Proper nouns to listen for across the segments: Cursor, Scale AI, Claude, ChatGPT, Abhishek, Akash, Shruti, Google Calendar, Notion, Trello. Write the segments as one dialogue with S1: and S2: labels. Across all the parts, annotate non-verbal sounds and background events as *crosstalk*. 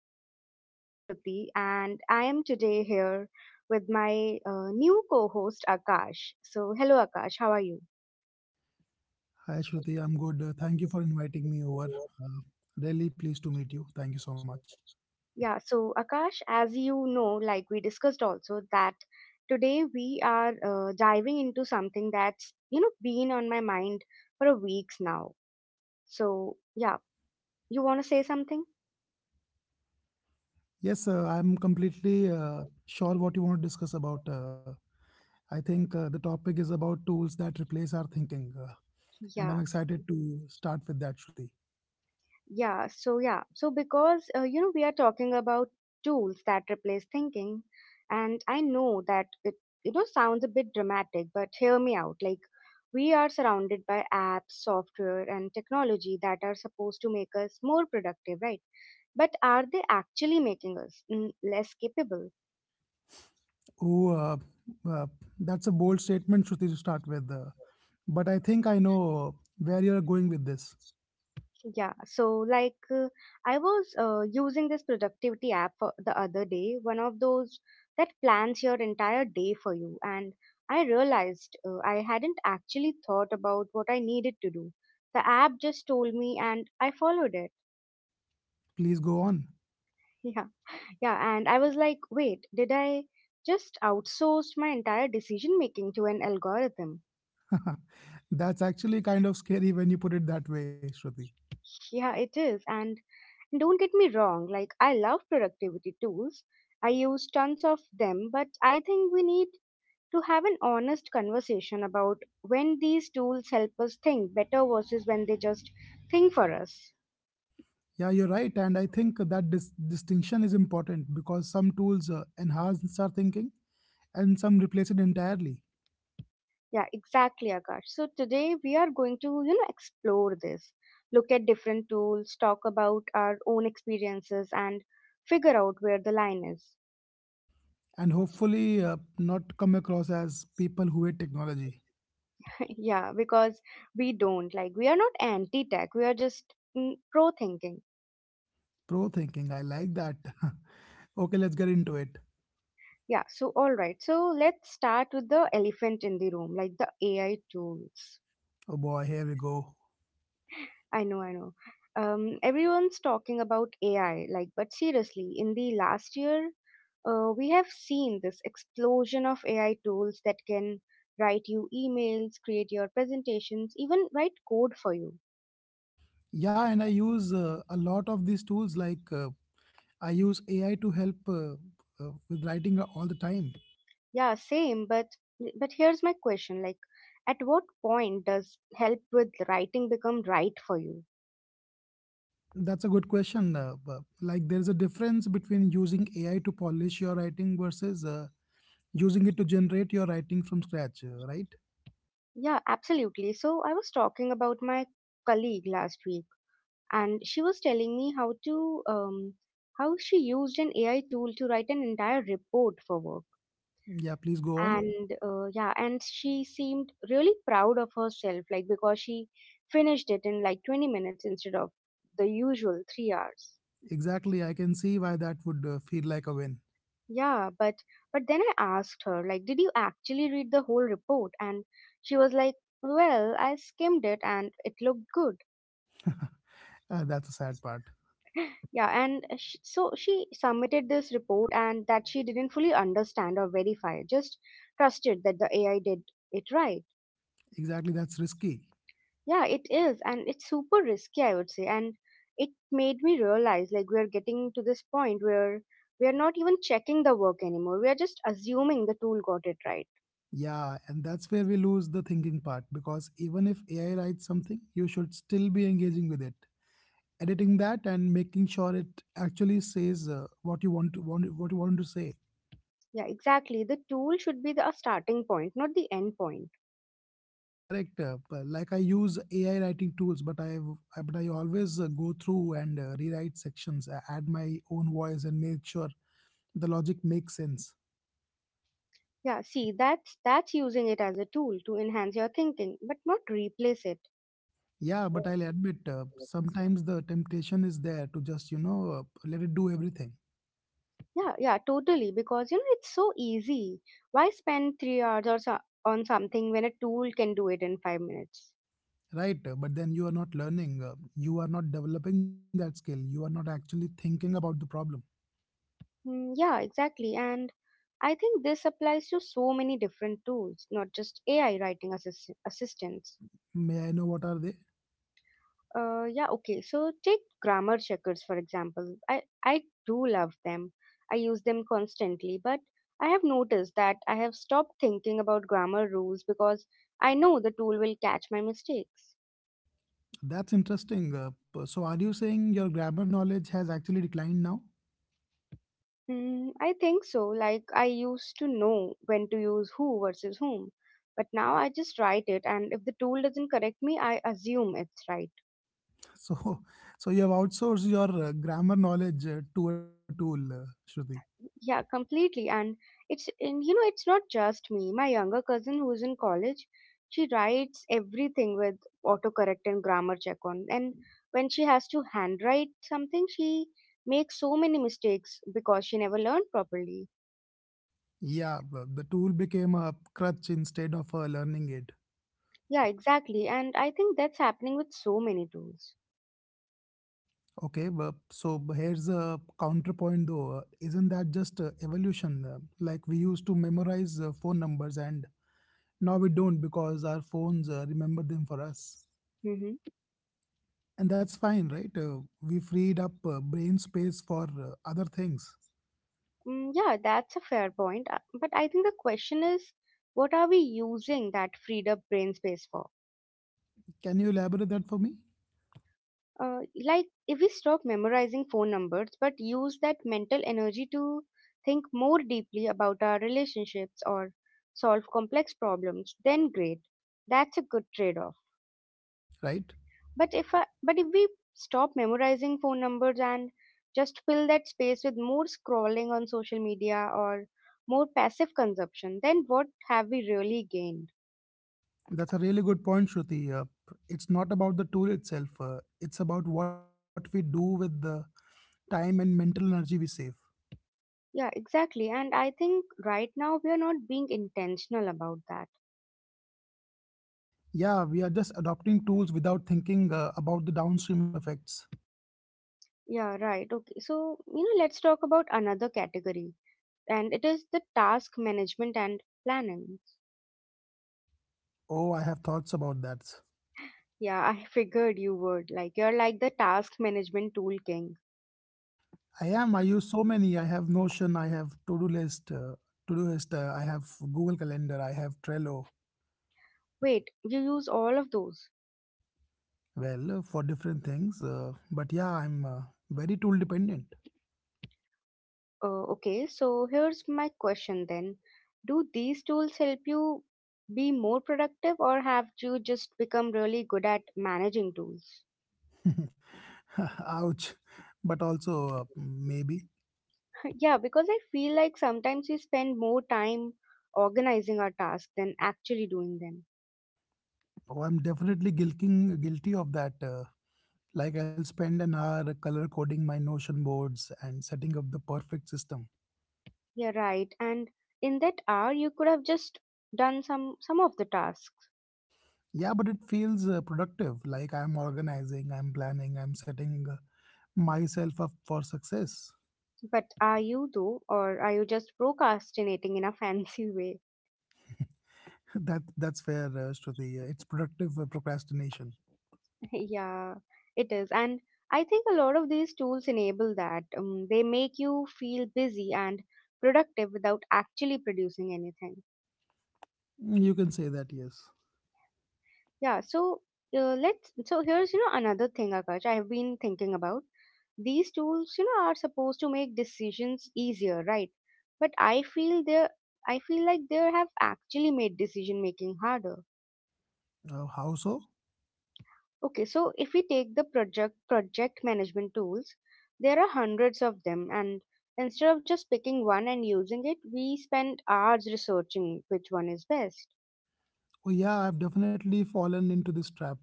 S1: I am your host Shruti and I am today here with my new co host Akash. So, hello Akash, how are you?
S2: Hi, Shruti. I'm good. Thank you for inviting me over. Uh, Really pleased to meet you. Thank you so much.
S1: Yeah, so Akash, as you know, like we discussed also, that today we are diving into something that's been on my mind for a weeks now. So, yeah, you want to say something?
S2: Yes, I'm completely sure what you want to discuss about. I think the topic is about tools that replace our thinking, and I'm
S1: Yeah.
S2: excited to start with that, Shruti.
S1: Yeah, so because we are talking about tools that replace thinking, and I know that it sounds a bit dramatic, but hear me out. Like we are surrounded by apps, software, and technology that are supposed to make us more productive, right? But are they actually making us less capable?
S2: Oh, uh, that's a bold statement, Shruti, to start with. But I think I know where you're going with this.
S1: Yeah, so like I was using this productivity app for the other day, one of those that plans your entire day for you, and I realized I hadn't actually thought about what I needed to do. The app just told me and I followed it.
S2: Please go on.
S1: *laughs* Yeah. Yeah, and I was like, "Wait, did I just outsourced my entire decision making to an algorithm?"
S2: *laughs* That's actually kind of scary when you put it that way, Shruti.
S1: Yeah, it is. And don't get me wrong, like I love productivity tools. I use tons of them, but I think we need to have an honest conversation about when these tools help us think better versus when they just think for us.
S2: Yeah, you're right. And I think that distinction is important because some tools enhance our thinking and some replace it entirely.
S1: Yeah, exactly, Akash. So today we are going to explore this, look at different tools, talk about our own experiences and figure out where the line is.
S2: And hopefully, not come across as people who hate technology.
S1: *laughs* Yeah, because we don't, like, we are not anti-tech, we are just pro thinking.
S2: Pro thinking, I like that. *laughs* Okay, let's get into it.
S1: Yeah, so all right. So let's start with the elephant in the room, like the AI tools.
S2: Oh boy, here we go.
S1: I know, I know. Everyone's talking about AI, like, but seriously, in the last year, we have seen this explosion of AI tools that can write you emails, create your presentations, even write code for you.
S2: Yeah, and I use a lot of these tools. I use AI to help with writing all the time.
S1: Yeah, same, but here's my question, like, at what point does help with writing become right for you?
S2: That's a good question. Like, there's a difference between using AI to polish your writing versus using it to generate your writing from scratch, right?
S1: Yeah, absolutely. So I was talking about my colleague last week, and she was telling me how she used an AI tool to write an entire report for work.
S2: Yeah, please go on.
S1: And she seemed really proud of herself, like because she finished it in like 20 minutes instead of the usual 3 hours.
S2: Exactly. I can see why that would feel like a win.
S1: Yeah, but then I asked her, like, did you actually read the whole report? And she was like, well, I skimmed it and it looked good.
S2: That's a sad part.
S1: Yeah, and sh so she submitted this report and that she didn't fully understand or verify, just trusted that the AI did it right.
S2: Exactly. That's risky.
S1: Yeah, it is, and it's super risky, I would say. And it made me realize like we are getting to this point where we are not even checking the work anymore. We are just assuming the tool got it right.
S2: Yeah, and that's where we lose the thinking part because even if AI writes something, you should still be engaging with it, editing that and making sure it actually says what you want to say.
S1: Yeah, exactly. The tool should be the a starting point, not the end point.
S2: Correct. Like I use AI writing tools, but I always go through and rewrite sections, add my own voice, and make sure the logic makes sense.
S1: Yeah, see, that's using it as a tool to enhance your thinking, but not replace it.
S2: Yeah, but I'll admit sometimes the temptation is there to just let it do everything,
S1: Yeah, yeah, totally. Because it's so easy. Why spend 3 hours or so on something when a tool can do it in 5 minutes?
S2: right? But then you are not learning, you are not developing that skill, you are not actually thinking about the problem.
S1: Yeah, exactly. And I think this applies to so many different tools, not just AI writing assistants.
S2: May I know what are they?
S1: Yeah, okay. So take grammar checkers for example. I do love them. I use them constantly, but I have noticed that I have stopped thinking about grammar rules because I know the tool will catch my mistakes.
S2: That's interesting. So are you saying your grammar knowledge has actually declined now?
S1: I think so. Like, I used to know when to use who versus whom, but now I just write it, and if the tool doesn't correct me, I assume it's right.
S2: So, *laughs* so you have outsourced your grammar knowledge to a tool, Shruti.
S1: Yeah, completely. And it's not just me. My younger cousin who's in college, she writes everything with autocorrect and grammar check on. And when she has to handwrite something, she makes so many mistakes because she never learned properly.
S2: The tool became a crutch instead of a learning aid.
S1: Yeah, exactly. And I think that's happening with so many tools.
S2: Okay, here's a counterpoint though. Isn't that just evolution? Like we used to memorize phone numbers and now we don't because our phones remember them for us.
S1: Hmm.
S2: And that's fine, right? We freed up brain space for other things.
S1: Yeah, that's a fair point. But I think the question is, what are we using that freed up brain space for?
S2: Can you elaborate that for me?
S1: Uh, like, if we stop memorizing phone numbers but use that mental energy to think more deeply about our relationships or solve complex problems, then great. That's a good trade-off.
S2: Right?
S1: But if we stop memorizing phone numbers and just fill that space with more scrolling on social media or more passive consumption, then what have we really gained?
S2: That's a really good point, Shruti. It's not about the tool itself, it's about what we do with the time and mental energy we save.
S1: Yeah, exactly. And I think right now we are not being intentional about that.
S2: Yeah, we are just adopting tools without thinking about the downstream effects.
S1: Yeah, right. Okay. So let's talk about another category, and it is the task management and planning.
S2: Oh, I have thoughts about that.
S1: Yeah, I *laughs* figured you would. Like, you're like the task management tool king.
S2: I am. I use so many. I have Notion. I have to-do list. I have Google Calendar. I have Trello.
S1: Wait, you use all of those.
S2: Well, for different things. But yeah, I'm very tool dependent.
S1: Okay, so here's my question then. Do these tools help you be more productive, or have you just become really good at managing tools?
S2: *laughs* Ouch. But also maybe.
S1: Yeah, because I feel like sometimes we spend more time organizing our tasks than actually doing them.
S2: Oh, I'm definitely guilty of that. Like, I'll spend an hour color coding my Notion boards and setting up the perfect system.
S1: Yeah, right. And in that hour, you could have just done some of the tasks.
S2: Yeah, but it feels productive. Like, I'm organizing, I'm planning, I'm setting myself up for success.
S1: But are you though, or are you just procrastinating in a fancy way?
S2: *laughs* That's fair, Shruti. It's productive procrastination.
S1: *laughs* Yeah, it is. And I think a lot of these tools enable that. They make you feel busy and productive without actually producing anything.
S2: You can say that, yes.
S1: Yeah. So let's. So here's another thing, Akash. I have been thinking about. These tools are supposed to make decisions easier, right? But I feel like they have actually made decision making harder.
S2: How so?
S1: Okay, so if we take the project management tools, there are hundreds of them and instead of just picking one and using it, we spend hours researching which one is best.
S2: Oh, yeah, I've definitely fallen into this trap.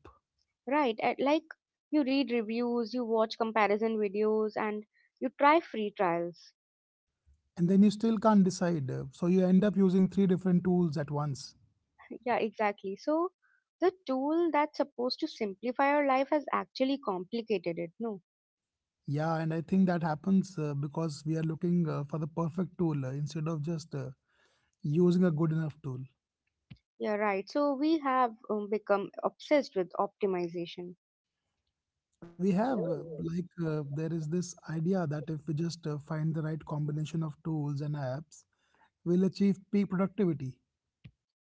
S1: Right? At, like, you read reviews, you watch comparison videos and you try free trials.
S2: And then you still can't decide. So you end up using three different tools at once.
S1: Yeah, exactly. So the tool that's supposed to simplify our life has actually complicated it. No,
S2: Yeah, and I think that happens because we are looking for the perfect tool instead of just using a good enough tool.
S1: yeah, right. So we have become obsessed with optimization,
S2: We have, there is this idea that if we just find the right combination of tools and apps, we'll achieve peak productivity.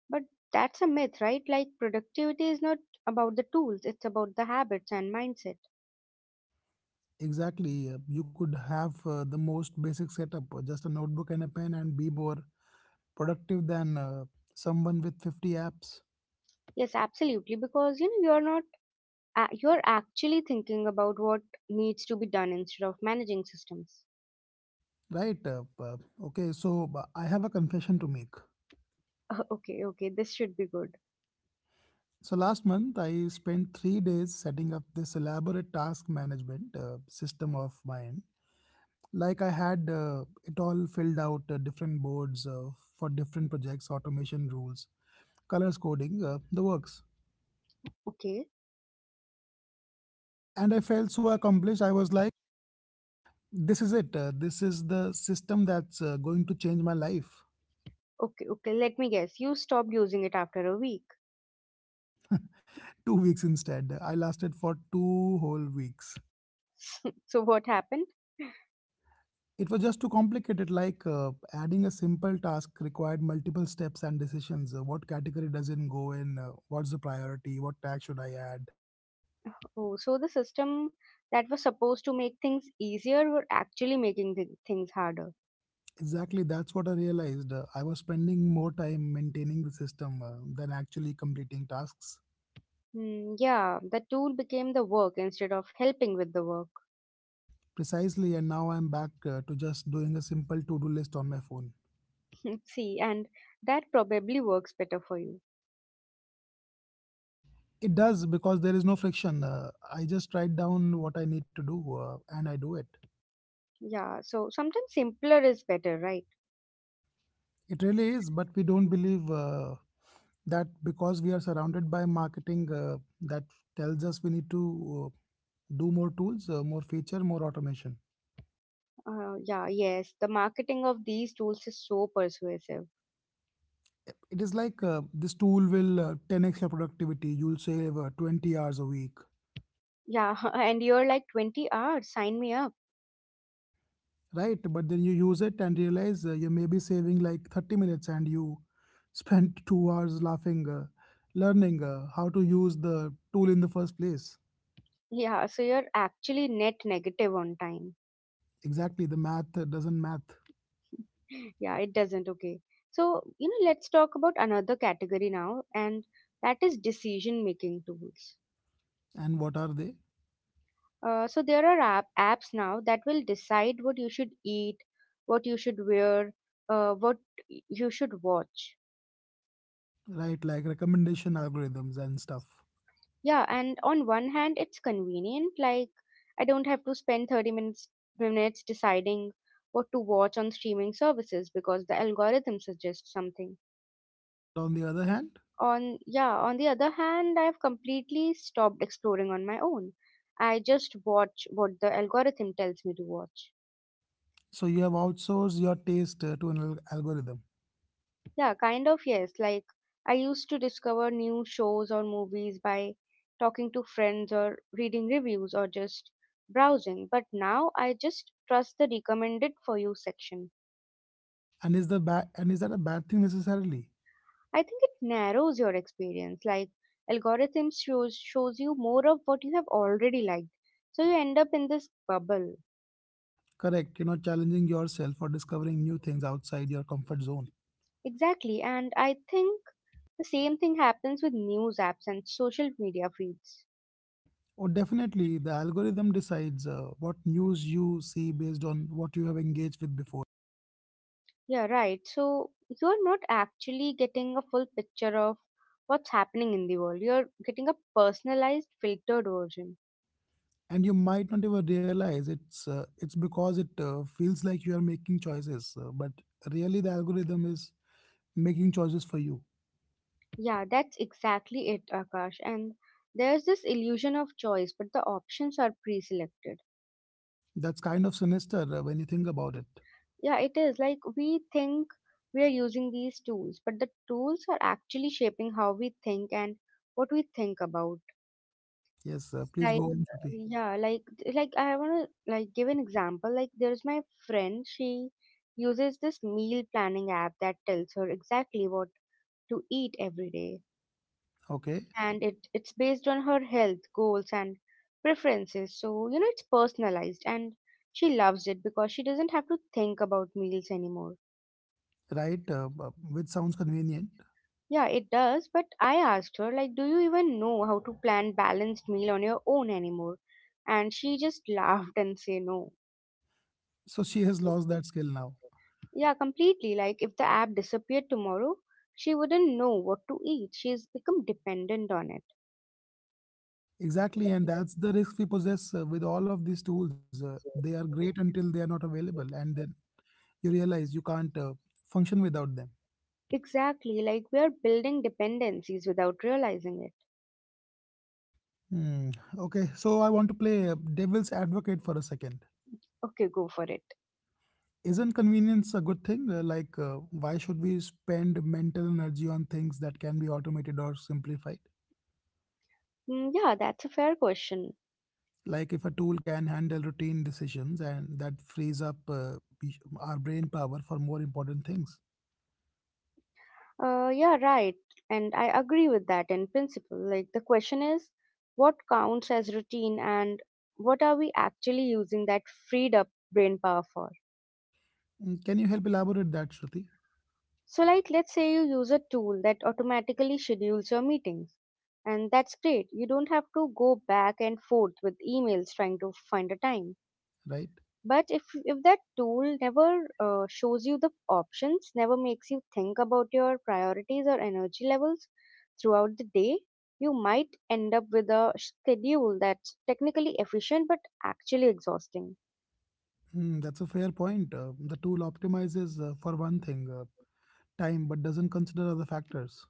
S1: but that's a myth, right? Like productivity is not about the tools; it's about the habits and mindset.
S2: Exactly. You could have the most basic setup, just a notebook and a pen, and be more productive than someone with 50 apps.
S1: Yes, absolutely. Because you're not you're actually thinking about what needs to be done instead of managing systems.
S2: Right. Okay, so I have a confession to make.
S1: *laughs* Okay, okay, this should be good.
S2: So last month, I spent 3 days setting up this elaborate task management system of mine. Like I had it all filled out, different boards for different projects, automation rules, colors coding, the works.
S1: Okay.
S2: And I felt so accomplished. I was like, this is it. This is the system that's going to change my life.
S1: Okay, okay, let me guess. You stopped using it after a week.
S2: *laughs* 2 weeks instead. I lasted for two whole weeks.
S1: *laughs* So what happened?
S2: It was just too complicated, like adding a simple task required multiple steps and decisions. What category does it go in? What's the priority? What tag should I add?
S1: Oh, so the system that was supposed to make things easier were actually making things harder.
S2: Exactly, that's what I realized. I was spending more time maintaining the system than actually completing tasks.
S1: Yeah, the tool became the work instead of helping with the work.
S2: Precisely, and now I'm back to just doing a simple to do list on my phone.
S1: *laughs* See, and that probably works better for you.
S2: It does because there is no friction. I just write down what I need to do and I do it.
S1: Yeah, so sometimes simpler is better, right?
S2: It really is, but we don't believe that because we are surrounded by marketing that tells us we need to do more tools, more feature, more automation.
S1: Yeah, yes, the marketing of these tools is so persuasive.
S2: It is like this tool will 10x your productivity, you'll save 20 hours a week.
S1: Yeah, *laughs* and you're like 20 hours, sign me up.
S2: Right, but then you use it and realize you may be saving like 30 minutes and you *laughs* spent 2 hours laughing learning how to use the tool in the first place.
S1: Yeah, so you're actually net negative on time.
S2: Exactly, the math doesn't math.
S1: *laughs* Yeah, it doesn't. Okay. So let's talk about another category now, and that is decision making tools.
S2: And what are they?
S1: So, there are apps now that will decide what you should eat, what you should wear, what you should watch.
S2: Right, like recommendation algorithms and stuff.
S1: Yeah, and on one hand, it's convenient. Like, I don't have to spend 30 minutes deciding what to watch on streaming services because the algorithm suggests something.
S2: But on the other hand,
S1: On, yeah, on the other hand, I've completely stopped exploring on my own. I just watch what the algorithm tells me to watch.
S2: so you have outsourced your taste to an algorithm.
S1: Yeah, kind of, yes. Like, I used to discover new shows or movies by talking to friends or reading reviews or just browsing, but now I just trust the recommended for you section.
S2: And is the and is that a bad thing necessarily?
S1: I think it narrows your experience. Like, algorithms shows you more of what you have already liked, so you end up in this bubble.
S2: Correct. You're not challenging yourself or discovering new things outside your comfort zone.
S1: Exactly, and I think the same thing happens with news apps and social media feeds.
S2: Or definitely, the algorithm decides what news you see based on what you have engaged with before,
S1: Yeah, right. So you're not actually getting a full picture of what's happening in the world. You're getting a personalized, filtered version.
S2: and you might not even realize it's because it feels like you are making choices, but really the algorithm is making choices for you.
S1: Yeah, that's exactly it, Akash. And there's this illusion of choice, but the options are pre selected.
S2: That's kind of sinister when you think about it.
S1: Yeah, it is like we think we are using these tools, but the tools are actually shaping how we think and what we think about.
S2: Yes, please
S1: Like,
S2: go on,
S1: uh,
S2: Shruti.
S1: yeah, like, like, I want to give an example. Like, there's my friend. She uses this meal planning app that tells her exactly what to eat every day,
S2: Okay,
S1: and it's based on her health goals and preferences. So it's personalized, and she loves it because she doesn't have to think about meals anymore.
S2: right, which sounds convenient.
S1: Yeah, it does. But I asked her, like, do you even know how to plan balanced meal on your own anymore? And she just *laughs* laughed and say no.
S2: So she has lost that skill now.
S1: Yeah, completely. Like if the app disappeared tomorrow, she wouldn't know what to eat. She's become dependent on it.
S2: Exactly, and that's the risk we possess with all of these tools. They are great until they are not available, and then you realize you can't function without them.
S1: Exactly. Like we are building dependencies without realizing it.
S2: Hmm. Okay, so I want to play devil's advocate for a second.
S1: Okay, go for it.
S2: Isn't convenience a good thing? Why should we spend mental energy on things that can be automated or simplified?
S1: Yeah, that's a fair question.
S2: Like if a tool can handle routine decisions and that frees up our brain power for more important things.
S1: Yeah, right. And I agree with that in principle. Like the question is, what counts as routine and what are we actually using that freed up brain power for?
S2: Can you help elaborate that, Shruti?
S1: So, like, let's say you use a tool that automatically schedules your meetings, and that's great. You don't have to go back and forth with emails trying to find a time.
S2: Right.
S1: But if that tool never shows you the options, never makes you think about your priorities or energy levels throughout the day, you might end up with a schedule that's technically efficient but actually exhausting.
S2: That's a fair point, the tool optimizes for one thing, time, but doesn't consider other factors.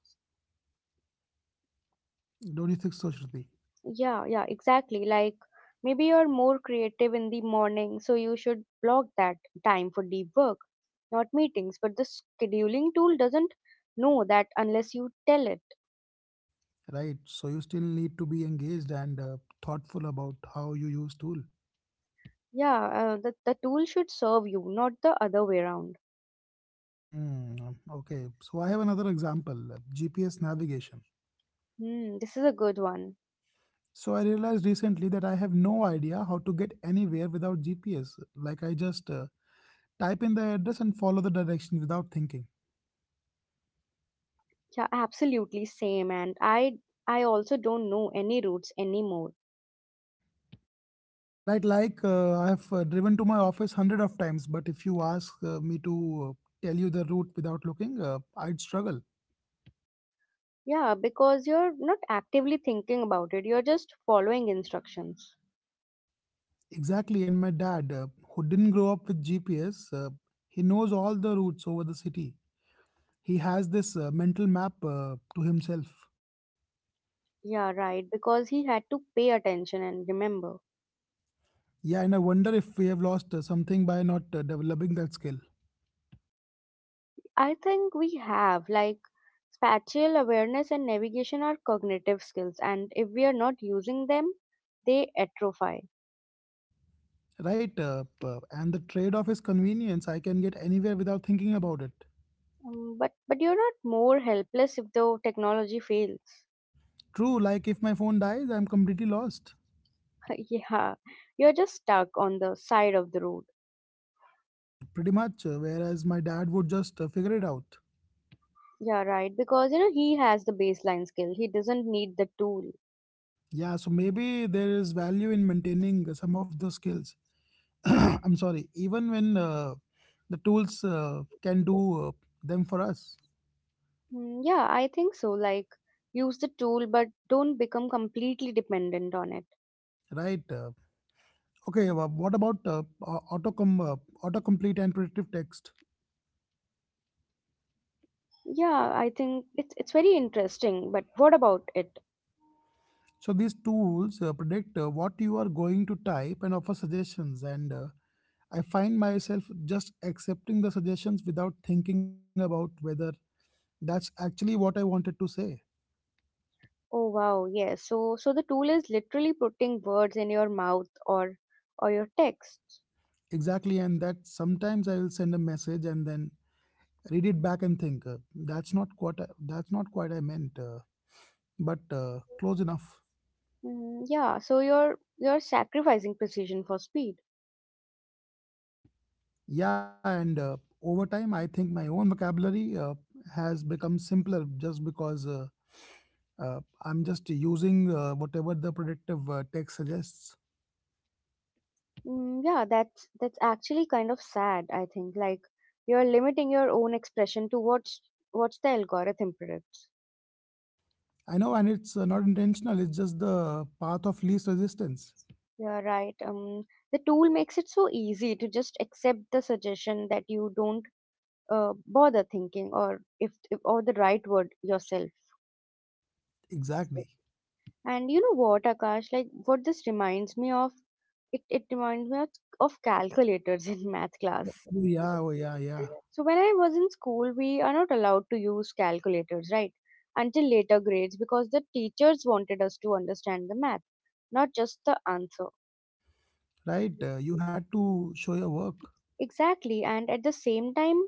S2: Don't you think so, Shruti?
S1: Yeah, yeah, exactly. Like maybe you're more creative in the morning, so you should block that time for deep work, not meetings. But the scheduling tool doesn't know that unless you tell it.
S2: Right, so you still need to be engaged and thoughtful about how you use tool.
S1: Yeah, the tool should serve you, not the other way around.
S2: Mm, okay, so I have another example, GPS navigation.
S1: Hmm, this is a good one.
S2: So I realized recently that I have no idea how to get anywhere without GPS. Like I just type in the address and follow the direction without thinking.
S1: Yeah, absolutely same. And I also don't know any routes anymore.
S2: Right, like I have driven to my office hundred of times, but if you ask me to tell you the route without looking, I'd struggle.
S1: Yeah, because you're not actively thinking about it. You're just following instructions.
S2: Exactly, and my dad, who didn't grow up with GPS, he knows all the routes over the city. He has this mental map to himself.
S1: Yeah, right. Because he had to pay attention and remember.
S2: Yeah, and I wonder if we have lost something by not developing that skill.
S1: I think we have, like, spatial awareness and navigation are cognitive skills, and if we are not using them, they atrophy.
S2: Right, and the trade off is convenience. I can get anywhere without thinking about it.
S1: But you're not more helpless if the technology fails.
S2: True, like if my phone dies, I'm completely lost.
S1: *laughs* Yeah, you're just stuck on the side of the road.
S2: Pretty much, whereas my dad would just figure it out.
S1: Yeah, right. Because you know he has the baseline skill. He doesn't need the tool.
S2: Yeah, so maybe there is value in maintaining some of the skills. *coughs* *clears throat* I'm sorry, even when the tools can do them for us.
S1: Yeah, I think so. Like, use the tool, but don't become completely dependent on it.
S2: Right. Okay, wha- What about au- auto com- autocomplete and predictive text?
S1: Yeah, I think it's very interesting, but what about it?
S2: So these tools predict what you are going to type and offer suggestions. And I find myself just accepting the suggestions without thinking about whether that's actually what I wanted to say.
S1: Oh wow, yes. So the tool is literally putting words in your mouth or your text.
S2: Exactly. And that sometimes I will send a message and then read it back and think that's not what I, that's not quite I meant, but close enough.
S1: Yeah, so you're sacrificing precision for speed.
S2: Yeah. And over time, I think my own vocabulary has become simpler just because. I'm just using whatever the predictive text suggests.
S1: Yeah, that's actually kind of sad, I think. Like you're limiting your own expression to what's the algorithm predicts.
S2: I know, and it's not intentional. It's just the path of least resistance.
S1: You're right. The tool makes it so easy to just accept the suggestion that you don't bother thinking or if or the right word yourself.
S2: Exactly.
S1: And you know what, Akash, like what this reminds me of, it reminds me of calculators *laughs* in math
S2: Oh,
S1: class.
S2: yeah. Oh, yeah. Yeah.
S1: So when I was in school, we are not allowed to use calculators, right? Until later grades because the teachers wanted us to understand the math, not just the answer.
S2: Right. You had to show your work.
S1: Exactly, and at the same time,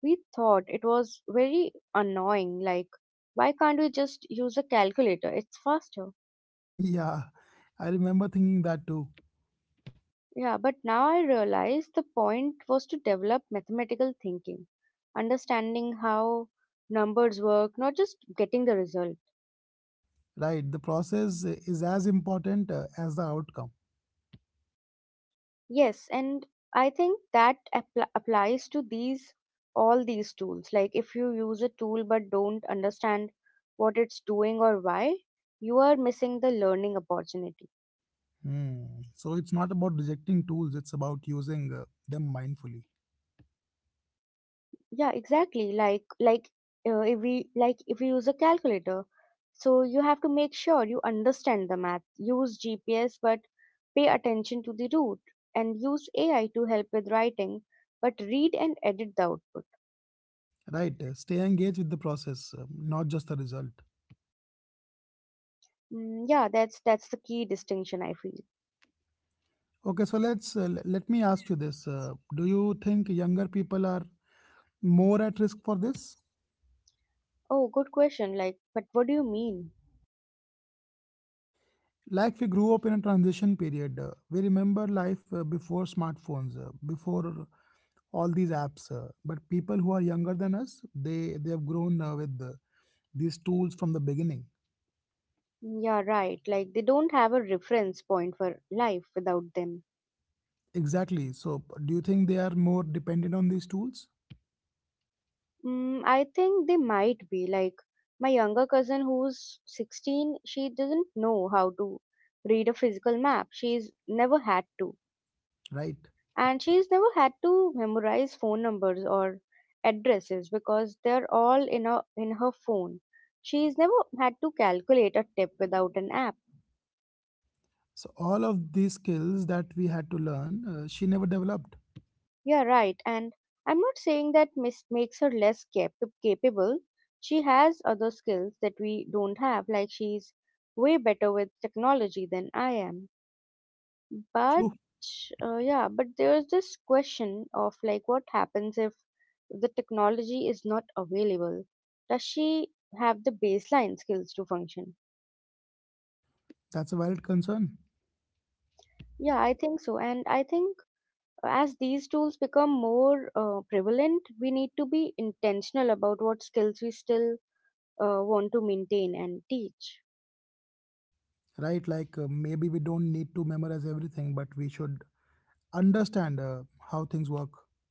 S1: we thought it was very annoying. Like, why can't we just use a calculator? It's faster.
S2: *laughs* Yeah. I remember thinking that too.
S1: Yeah, but now I realize the point was to develop mathematical thinking, understanding how numbers work, not just getting the result.
S2: Right. The process is as important as the outcome.
S1: Yes, and I think that applies to these all these tools. Like if you use a tool but don't understand what it's doing or why, you are missing the learning opportunity.
S2: Hmm. So it's not about rejecting tools. It's about using them mindfully.
S1: Yeah, exactly, if we, like if we use a calculator, so you have to make sure you understand the math, use GPS but pay attention to the route, and use AI to help with writing but read and edit the output.
S2: Right. Stay engaged with the process, not just the result.
S1: Yeah, that's the key distinction I feel.
S2: Okay, so let me ask you this: do you think younger people are more at risk for this?
S1: Oh, good question, like, but what do you mean?
S2: Like we grew up in a transition period. We remember life before smartphones, before all these apps. But people who are younger than us, they have grown with these tools from the beginning.
S1: Yeah, right. Like they don't have a reference point for life without them.
S2: Exactly. So, do you think they are more dependent on these tools?
S1: I think they might be like my younger cousin who's 16. She doesn't know how to read a physical map. She's never had to.
S2: Right.
S1: And she's never had to memorize phone numbers or addresses because they're all in her phone. She's never had to calculate a tip without an app.
S2: So, all of these skills that we had to learn, she never developed.
S1: Yeah, right. And I'm not saying that miss makes her less capable. She has other skills that we don't have, like she's way better with technology than I am. But
S2: True.
S1: yeah, but there's this question of like what happens if the technology is not available? Does she have the baseline skills to function?
S2: That's a valid concern.
S1: Yeah, I think so. And I think as these tools become more prevalent, we need to be intentional about what skills we still want to maintain and teach.
S2: Right? Like maybe we don't need to memorize everything, but we should understand how things work. *laughs*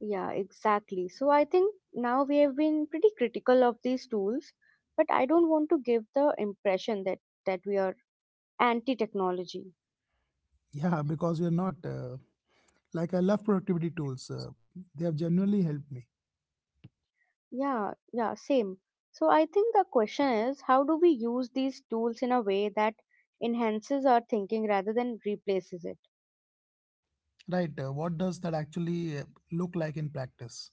S1: Yeah, exactly. So I think now we have been pretty critical of these tools, but I don't want to give the impression that that we are anti-technology.
S2: Yeah, because we're not. Like I love productivity tools. They have genuinely helped me.
S1: Yeah, yeah, same. So I think the question is, how do we use these tools in a way that enhances our thinking rather than replaces it?
S2: Right. What does that actually look like in practice?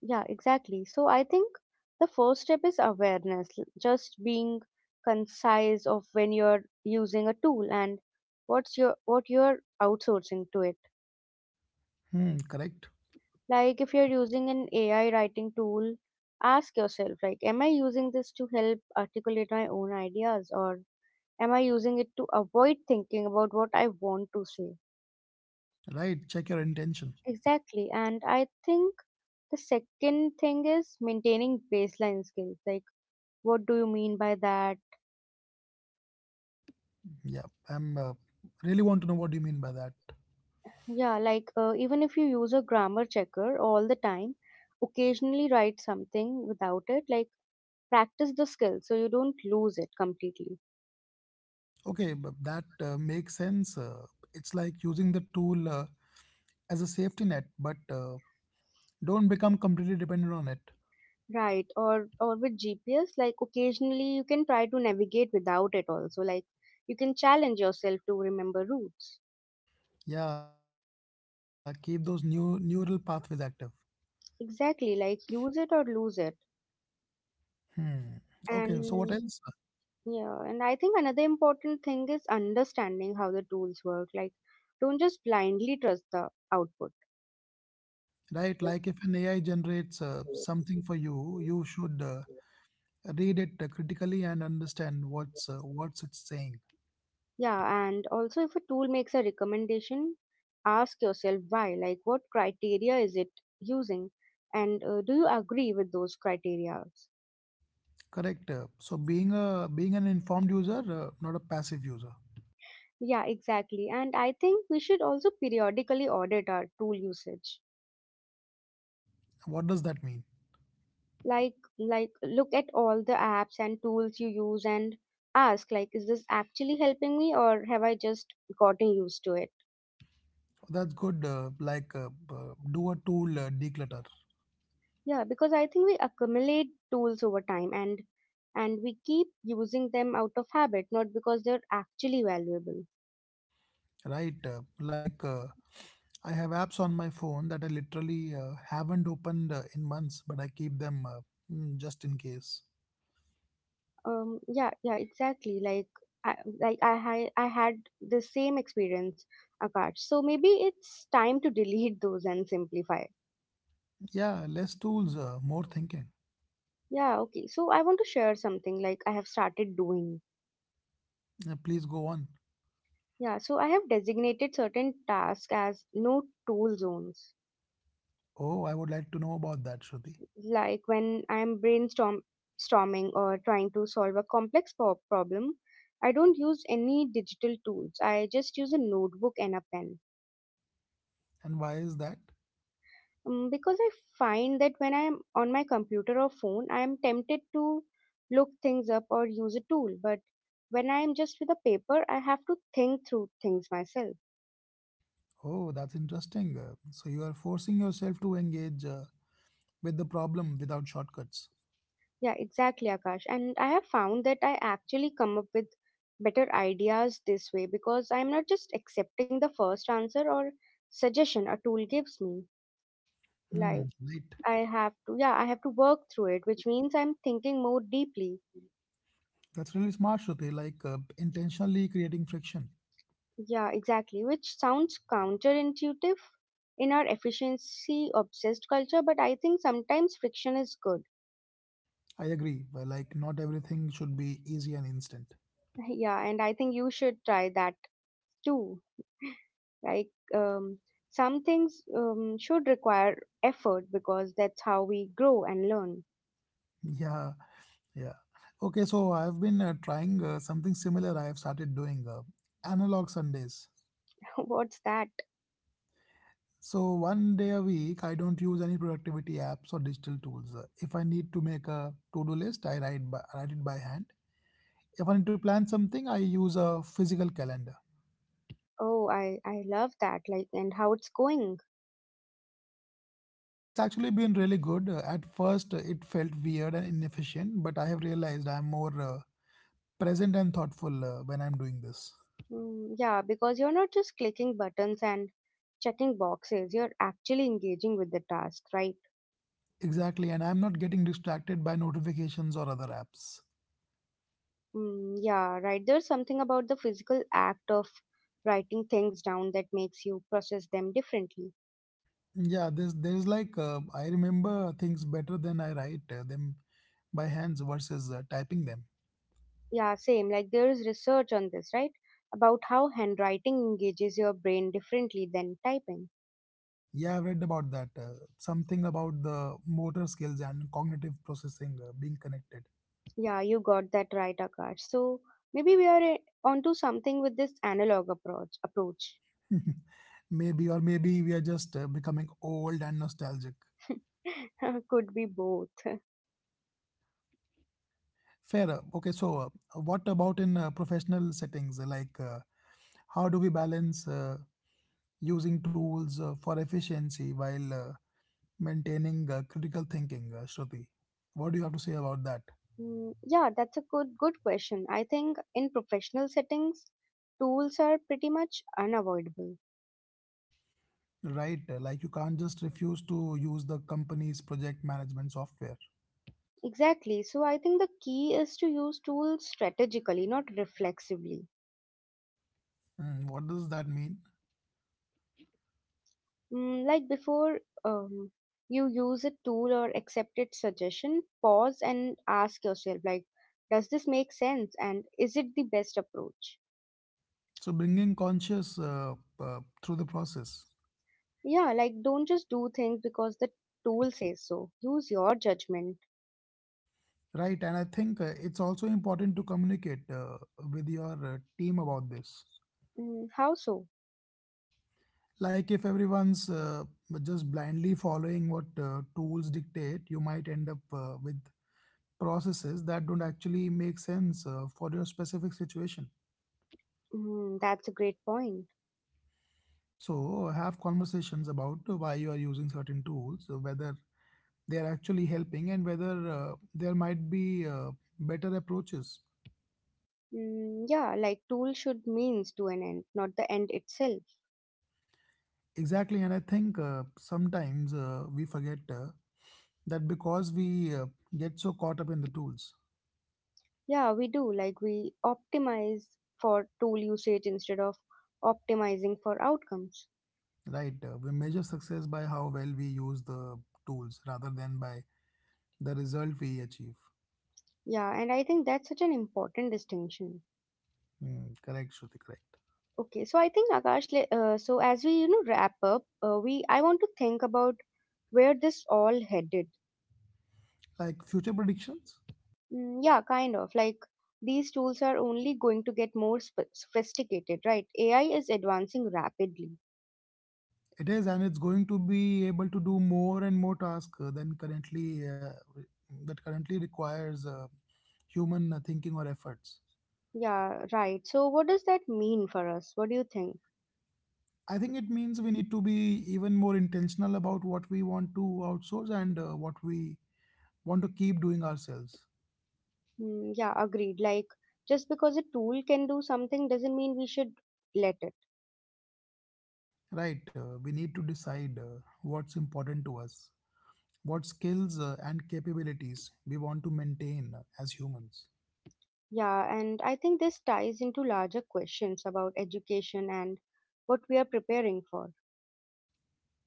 S1: Yeah, exactly. So I think the first step is awareness, just being concise of when you're using a tool and what's your, what you're outsourcing to it.
S2: Hmm, correct.
S1: Like if you're using an AI writing tool, ask yourself, like, am I using this to help articulate my own ideas or am I using it to avoid thinking about what I want to say?
S2: Right. Check your intention.
S1: Exactly. And I think the second thing is maintaining baseline skills. Like what do you mean by that?
S2: Yeah, I'm really want to know what you mean by that.
S1: Yeah, like even if you use a grammar checker all the time, occasionally write something without it, like practice the skill so you don't lose it completely.
S2: Okay, but that makes sense. It's like using the tool as a safety net, but don't become completely dependent on it.
S1: Right, or with GPS, like occasionally you can try to navigate without it also, like you can challenge yourself to remember routes.
S2: Yeah, keep those new neural pathways active.
S1: Exactly, like use it or lose it.
S2: Hmm. Okay, so what else?
S1: And yeah, and I think another important thing is understanding how the tools work. Like don't just blindly trust the output.
S2: Right, like if an AI generates something for you, you should read it critically and understand what's it's saying.
S1: Yeah, and also if a tool makes a recommendation, ask yourself why, like what criteria is it using, and do you agree with those criteria?
S2: Correct. So being an informed user, not a passive user.
S1: Yeah, exactly. And I think we should also periodically audit our tool usage.
S2: What does that mean?
S1: Like look at all the apps and tools you use and ask, like, is this actually helping me or have I just gotten used to it?
S2: That's good. Do a tool declutter,
S1: Yeah, because I think we accumulate tools over time and we keep using them out of habit, not because they're actually valuable.
S2: right? I have apps on my phone that I literally haven't opened in months, but I keep them, just in case.
S1: Yeah, yeah, exactly. Like, I, I had the same experience, Akash. So maybe it's time to delete those and simplify.
S2: Yeah, less tools, more thinking.
S1: Yeah, okay. So I want to share something like I have started doing.
S2: Please go on.
S1: Yeah, so I have designated certain tasks as no tool zones.
S2: Oh, I would like to know about that, Shruti.
S1: Like when I'm brainstorm storming or trying to solve a complex problem, I don't use any digital tools. I just use a notebook and a pen.
S2: And why is that?
S1: Because I find that when I'm on my computer or phone, I'm tempted to look things up or use a tool, but when I'm just with a paper, I have to think through things myself.
S2: Oh, that's interesting. So you are forcing yourself to engage with the problem without shortcuts.
S1: Yeah, exactly, Akash. And I have found that I actually come up with better ideas this way because I'm not just accepting the first answer or suggestion a tool gives me.
S2: Hmm,
S1: Like
S2: right.
S1: I have I have to work through it, which means I'm thinking more deeply.
S2: That's really smart, Shruti. Like intentionally creating friction.
S1: Yeah, exactly, which sounds counterintuitive in our efficiency obsessed culture, but I think sometimes friction is good.
S2: I agree. Well, like not everything should be easy and instant.
S1: *laughs* Yeah, and I think you should try that too. Like um, some things should require effort because that's how we grow and learn.
S2: Yeah, yeah. Okay, so I've been trying something similar. I have started doing analog Sundays.
S1: *laughs* What's that?
S2: So one day a week, I don't use any productivity apps or digital tools. If I need to make a to-do list, I write it by hand. If I need to plan something, I use a physical calendar.
S1: Oh, I love that. Like and how it's going.
S2: It's actually been really good. At first, it felt weird and inefficient, but I have realized I'm more present and thoughtful when I'm doing this.
S1: Yeah, because you're not just clicking buttons and checking boxes. You're actually engaging with the task, right?
S2: Exactly, and I'm not getting distracted by notifications or other apps.
S1: Yeah, right. There's something about the physical act of writing things down that makes you process them differently.
S2: Yeah, there's like I remember things better than I write them by hands versus typing them.
S1: Yeah, same. Like there is research on this, right? About how handwriting engages your brain differently than typing.
S2: Yeah, I've read about that. Something about the motor skills and cognitive processing being connected.
S1: Yeah, you got that right, Akash. So maybe we are onto something with this analog approach. Approach
S2: *laughs* Maybe, or maybe we are just becoming old and nostalgic.
S1: *laughs* could be both. *laughs*
S2: Fair. Okay, so what about in professional settings? Like, how do we balance using tools for efficiency while maintaining critical thinking, Shruti. What do you have to say about that?
S1: Yeah, that's a good question. I think in professional settings, tools are pretty much unavoidable.
S2: Right, like you can't just refuse to use the company's project management software.
S1: Exactly. So I think the key is to use tools strategically, not reflexively.
S2: Mm, what does that mean?
S1: Like before um, you use a tool or accept its suggestion, pause and ask yourself, like, does this make sense and is it the best approach?
S2: So, bringing conscious through the process.
S1: Yeah, like, don't just do things because the tool says so. Use your judgment.
S2: Right, and I think it's also important to communicate with your team about this.
S1: Mm, how so?
S2: Like, if everyone's just blindly following what tools dictate, you might end up with processes that don't actually make sense for your specific situation.
S1: That's a great point.
S2: So have conversations about why you are using certain tools, whether they are actually helping, and whether there might be better approaches.
S1: Yeah, like, tool should means to an end, not the end itself.
S2: Exactly, and I think sometimes we forget that because we get so caught up in the tools,
S1: Yeah, we do. Like, we optimize for tool usage instead of optimizing for outcomes.
S2: right? We measure success by how well we use the tools rather than by the result we achieve.
S1: Yeah, and I think that's such an important distinction.
S2: Hmm, correct, Shruti, correct.
S1: Okay, so I think, Akash, so as we you know wrap up, we I want to think about where this all headed.
S2: Like future predictions.
S1: Yeah, kind of like these tools are only going to get more sophisticated, right? AI is advancing rapidly.
S2: It is, and it's going to be able to do more and more tasks than currently that currently requires human thinking or efforts.
S1: Yeah, right. So what does that mean for us? What do you think?
S2: I think it means we need to be even more intentional about what we want to outsource and what we want to keep doing ourselves.
S1: Yeah, agreed. Like just because a tool can do something doesn't mean we should let it.
S2: Right? We need to decide what's important to us, what skills and capabilities we want to maintain as humans.
S1: Yeah, and I think this ties into larger questions about education and what we are preparing for.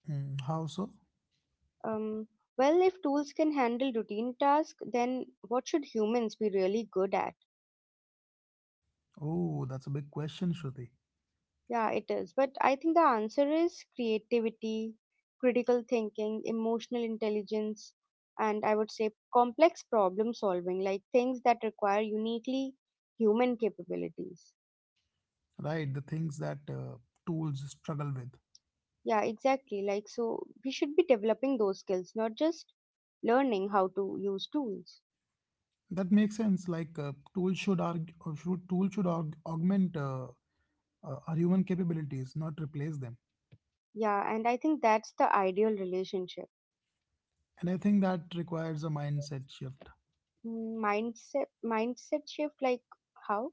S2: Hmm, how so?
S1: Um, well, if tools can handle routine tasks, then what should humans be really good at?
S2: Oh, that's a big question, Shruti.
S1: Yeah, it is. But I think the answer is creativity, critical thinking, emotional intelligence, and I would say complex problem solving, like things that require uniquely human capabilities.
S2: Right, the things that tools struggle with.
S1: Yeah, exactly. Like, so we should be developing those skills, not just learning how to use tools.
S2: That makes sense, like tools should argue, or should tool should aug- augment, our human capabilities, not replace them.
S1: Yeah, and I think that's the ideal relationship.
S2: And I think that requires a mindset shift.
S1: Mm, mindset shift, like how?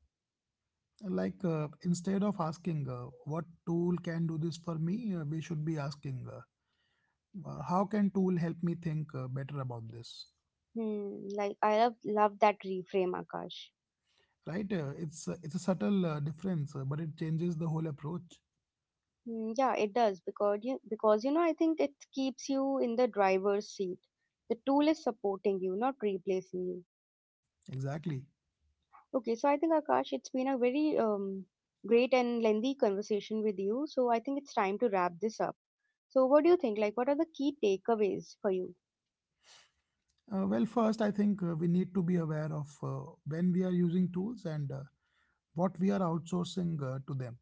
S2: Like instead of asking what tool can do this for me, we should be asking, how can tool help me think better about this?
S1: Hmm, like I love that reframe, Akash.
S2: Right, it's a subtle difference, but it changes the whole approach.
S1: Hmm, yeah, it does because you know I think it keeps you in the driver's seat. The tool is supporting you, not replacing you.
S2: Exactly.
S1: Okay, so I think, Akash, it's been a very great and lengthy conversation with you. So I think it's time to wrap this up. So what do you think? Like, what are the key takeaways for you?
S2: Well, first, I think we need to be aware of when we are using tools and what we are outsourcing to them,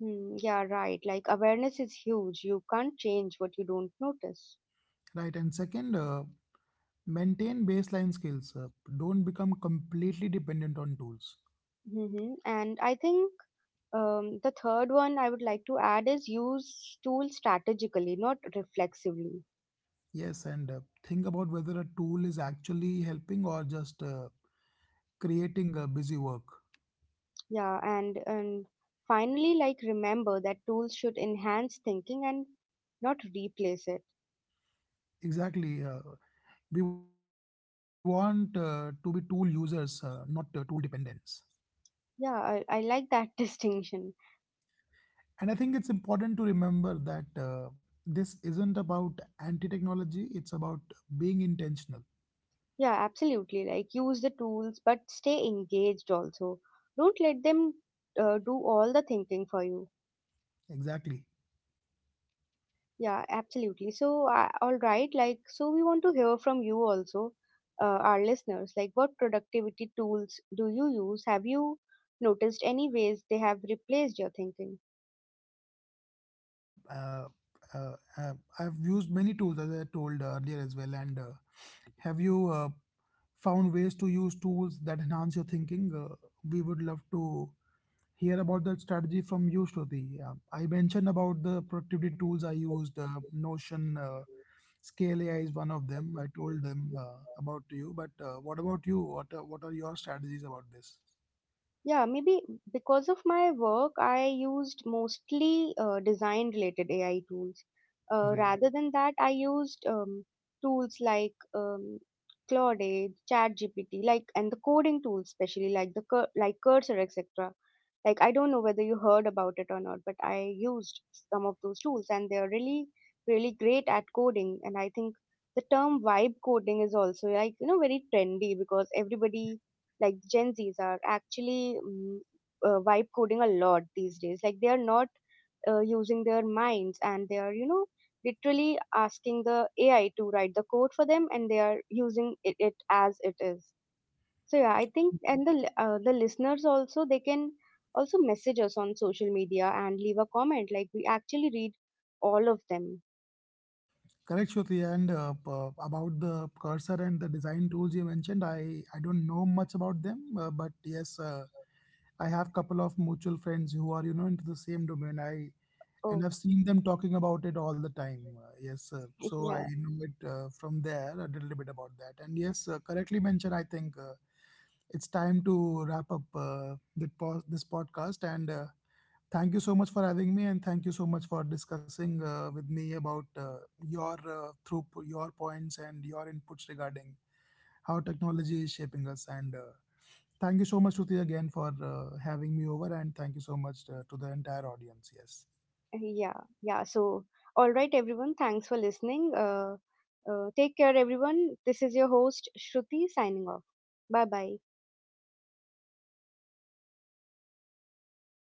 S1: Hmm, yeah, right. Like awareness is huge. You can't change what you don't notice.
S2: right? And second, maintain baseline skills. Don't become completely dependent on tools.
S1: Hmm, and I think the third one I would like to add is use tools strategically, not reflexively.
S2: Yes, and think about whether a tool is actually helping or just creating busy work.
S1: Yeah, and finally, like remember that tools should enhance thinking and not replace it.
S2: Exactly. We want to be tool users, not tool dependents.
S1: Yeah, I like that *laughs* distinction.
S2: And I think it's important to remember that this isn't about anti technology, it's about being intentional.
S1: Yeah, absolutely. Like, use the tools, but stay engaged also. Don't let them do all the thinking for you.
S2: Exactly.
S1: Yeah, absolutely. So, all right. Like, so we want to hear from you also, our listeners. Like, what productivity tools do you use? Have you noticed any ways they have replaced your thinking?
S2: Uh, uh, uh, I've used many tools, as I told earlier as well. And have you found ways to use tools that enhance your thinking? We would love to hear about the strategy from you, Shruti. I mentioned about the productivity tools I used. Notion, Scale AI is one of them. I told them about you. But what about you? What are your strategies about this?
S1: Yeah, maybe because of my work, I used mostly design related AI tools.
S2: Great.
S1: Rather than that, I used tools like Claude, ChatGPT, like and the coding tools, especially like the Cursor, etc. Like I don't know whether you heard about it or not, but I used some of those tools, and they are really, really great at coding. And I think the term vibe coding is also like you know very trendy because everybody like Gen Zs are actually vibe coding a lot these days. Like they are not using their minds and they are, you know, literally asking the AI to write the code for them and they are using it as it is. So yeah, I think and the the listeners also they can also message us on social media and leave a comment. Like we actually read all of them.
S2: Correct, Shruti. And about the cursor and the design tools you mentioned, I don't know much about them. But yes, I have couple of mutual friends who are you know into the same domain. I And
S1: Oh
S2: I've seen them talking about it all the time. Yes,
S1: *laughs*
S2: so I
S1: yeah.
S2: know it from there a little bit about that. And yes, correctly mentioned. I think it's time to wrap up this podcast. And thank you so much for having me, and thank you so much for discussing with me about your through your points and your inputs regarding how technology is shaping us. And thank you so much, Shruti, again for having me over, and thank you so much to the entire audience. Yes.
S1: Yeah, yeah. So, all right, everyone. Thanks for listening. Take care, everyone. This is your host, Shruti, signing off. Bye bye.